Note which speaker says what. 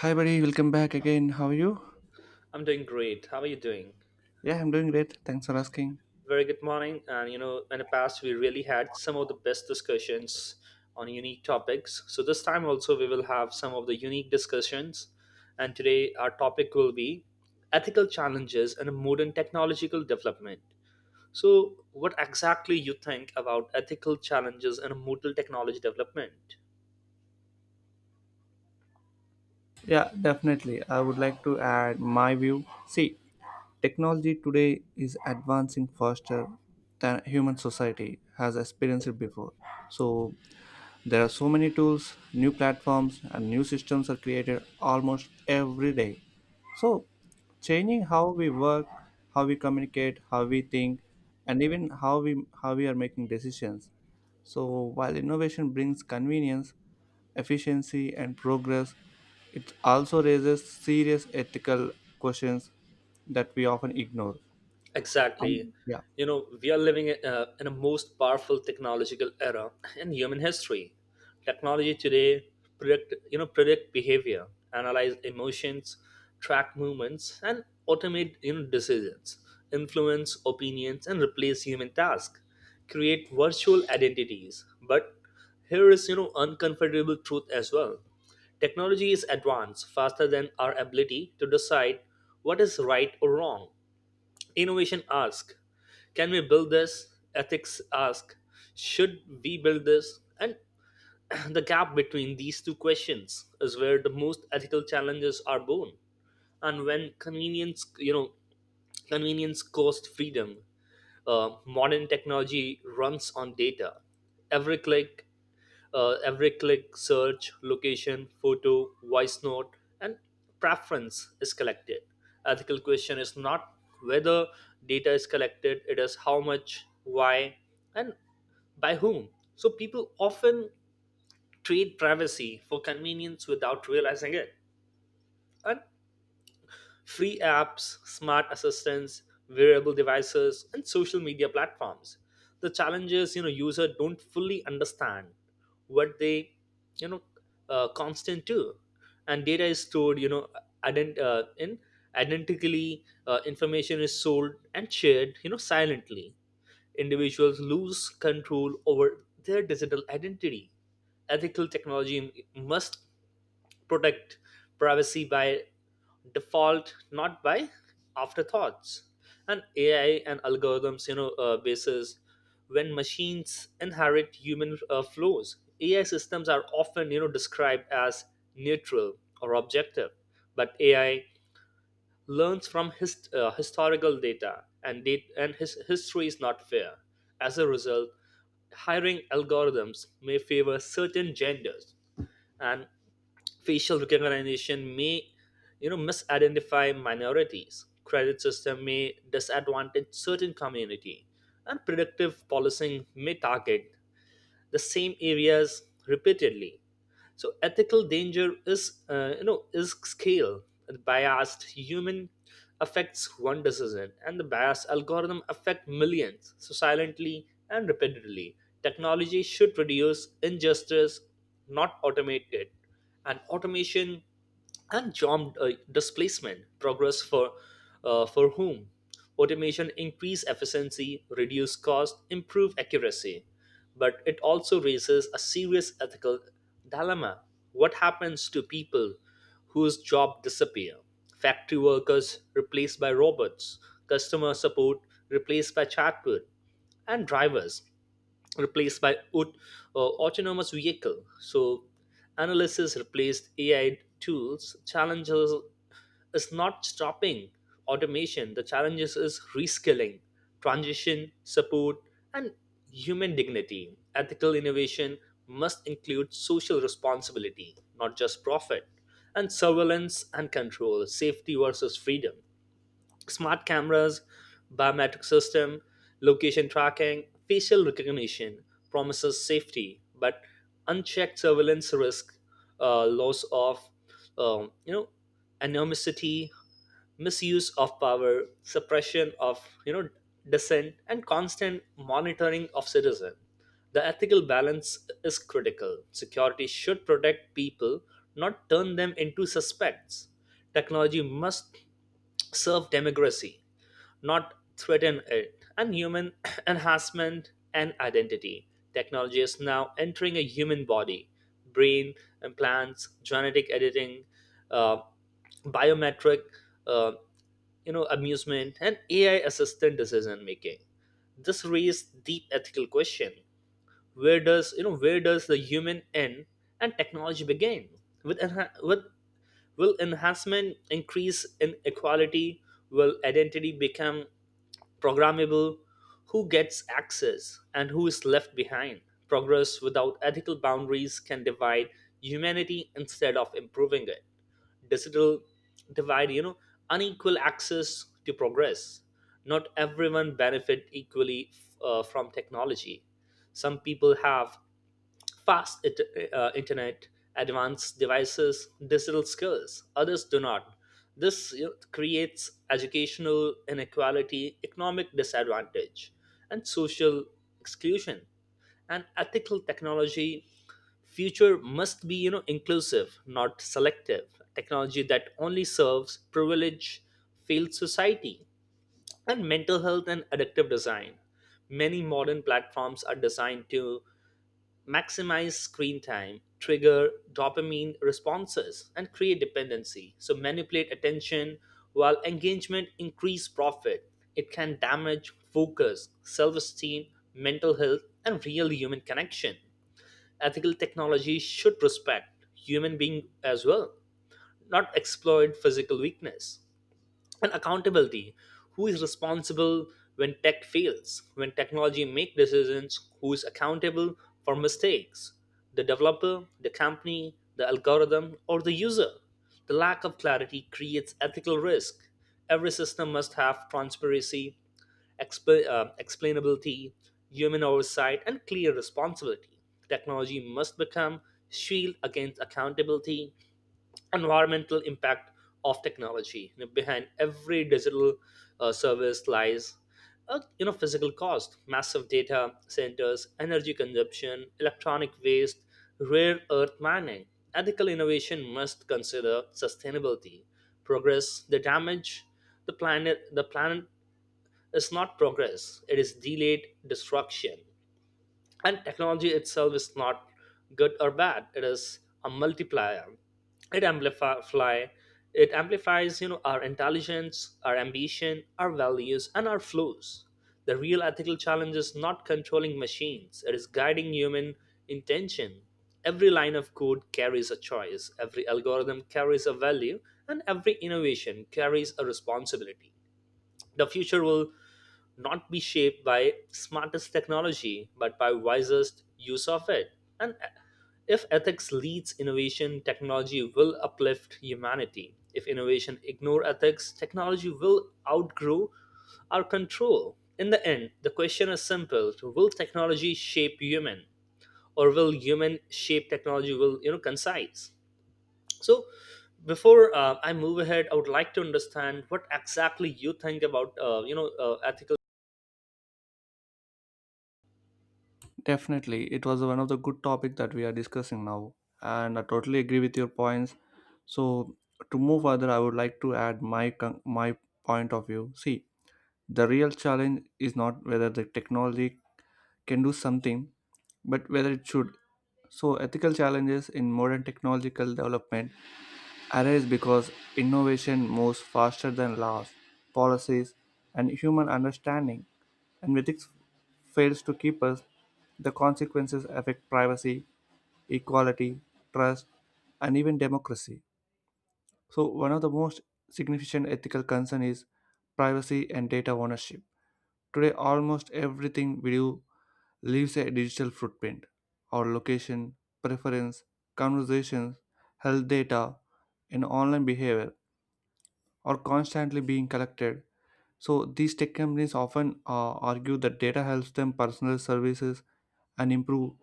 Speaker 1: Hi, buddy. Welcome back again. How are you?
Speaker 2: I'm doing great. How are you doing?
Speaker 1: Yeah, I'm doing great. Thanks for asking.
Speaker 2: Very good morning. And you know, in the past, we really had some of the best discussions on unique topics. So this time also, we will have some of the unique discussions. And today, our topic will be ethical challenges in a modern technological development. So, what exactly you think about ethical challenges in a modern technology development?
Speaker 1: Yeah, definitely. I would like to add my view. See, technology today is advancing faster than human society has experienced it before. So, there are so many tools, new platforms, and new systems are created almost every day. So, changing how we work, how we communicate, how we think, and even how we are making decisions. So, while innovation brings convenience, efficiency, and progress, it also raises serious ethical questions that we often ignore.
Speaker 2: Exactly.
Speaker 1: Yeah.
Speaker 2: You know, we are living in a most powerful technological era in human history. Technology today predict behavior, analyze emotions, track movements, and automate decisions, influence opinions, and replace human tasks, create virtual identities. But here is uncomfortable truth as well. Technology is advanced faster than our ability to decide what is right or wrong. Innovation ask, can we build this? Ethics ask, should we build this? And the gap between these two questions is where the most ethical challenges are born. And when convenience cost freedom, modern technology runs on data. Every click, every click, search, location, photo, voice note, and preference is collected. Ethical question is not whether data is collected, it is how much, why, and by whom. So people often trade privacy for convenience without realizing it. And free apps, smart assistants, wearable devices, and social media platforms. The challenges you know users don't fully understand what they you know constant to, and data is stored in identically. Information is sold and shared silently. Individuals lose control over their digital identity ethical technology must protect privacy by default not by afterthoughts and ai and algorithms basis when machines inherit human flows ai systems are often described as neutral or objective but ai learns from historical data and date and his history is not fair. As a result, hiring algorithms may favor certain genders and facial recognition may misidentify minorities credit system may disadvantage certain community and predictive policing may target the same areas repeatedly so ethical danger is is scale the biased human affects one decision and the biased algorithm affect millions so silently and repeatedly technology should reduce injustice not automate it and automation and job displacement progress for whom automation increase efficiency reduce cost improve accuracy but it also raises a serious ethical dilemma what happens to people whose job disappear factory workers replaced by robots customer support replaced by chatbot and drivers replaced by autonomous vehicle. So analysis replaced AI tools. Challenges is not stopping automation. The challenges is reskilling, transition support, and human dignity. Ethical innovation must include social responsibility, not just profit, and surveillance and control, safety versus freedom smart cameras, biometric system, location tracking, facial recognition promises safety, but unchecked surveillance risk loss of um, you know anonymity, misuse of power, suppression of you know dissent, and constant monitoring of citizen. The ethical balance is critical. Security should protect people, not turn them into suspects. Technology must serve democracy, not threaten it, and human enhancement and identity. Technology is now entering a human body, brain implants, genetic editing, uh, biometric, uh, amusement, and AI-assisted decision making. This raises deep ethical question: Where does you know where does the human end and technology begin? With enha- with Will enhancement increase inequality? Will identity become programmable? Who gets access and who is left behind? Progress without ethical boundaries can divide humanity instead of improving it. Digital divide, you know, unequal access to progress. Not everyone benefit equally from technology. Some people have fast it, internet, advanced devices, digital skills. Others do not. This creates educational inequality, economic disadvantage, and social exclusion. And ethical technology future must be inclusive, not selective. Technology that only serves privilege, failed society, and mental health and adaptive design. Many modern platforms are designed to maximize screen time, trigger dopamine responses, and create dependency. So manipulate attention while engagement increase profit. It can damage focus, self-esteem, mental health, and real human connection. Ethical technology should respect human being as well, not exploit physical weakness and accountability who is responsible when tech fails when technology make decisions who is accountable for mistakes the developer the company the algorithm or the user the lack of clarity creates ethical risk every system must have transparency explainability human oversight and clear responsibility technology must become shield against accountability environmental impact of technology behind every digital service lies a physical cost massive data centers energy consumption electronic waste rare earth mining ethical innovation must consider sustainability progress the damage the planet is not progress it is delayed destruction and technology itself is not good or bad it is a multiplier it amplify it amplifies our intelligence our ambition our values and our flaws the real ethical challenge is not controlling machines it is guiding human intention every line of code carries a choice every algorithm carries a value and every innovation carries a responsibility the future will not be shaped by smartest technology, but by wisest use of it. And if ethics leads innovation, technology will uplift humanity. If innovation ignore ethics, technology will outgrow our control. In the end, the question is simple: Will technology shape human, or will human shape technology? Will concise? So, before I move ahead, I would like to understand what exactly you think about ethical
Speaker 1: Definitely, it was one of the good topic that we are discussing now, and I totally agree with your points. So, to move further, I would like to add my point of view. See, the real challenge is not whether the technology can do something, but whether it should. So, ethical challenges in modern technological development arise because innovation moves faster than laws, policies, and human understanding. And when ethics fails to keep us, the consequences affect privacy, equality, trust, and even democracy. So, one of the most significant ethical concern is privacy and data ownership. Today, almost everything we do leaves a digital footprint. Our location, preference, conversations, health data, and online behavior are constantly being collected. So these tech companies often argue that data helps them personalize services and improve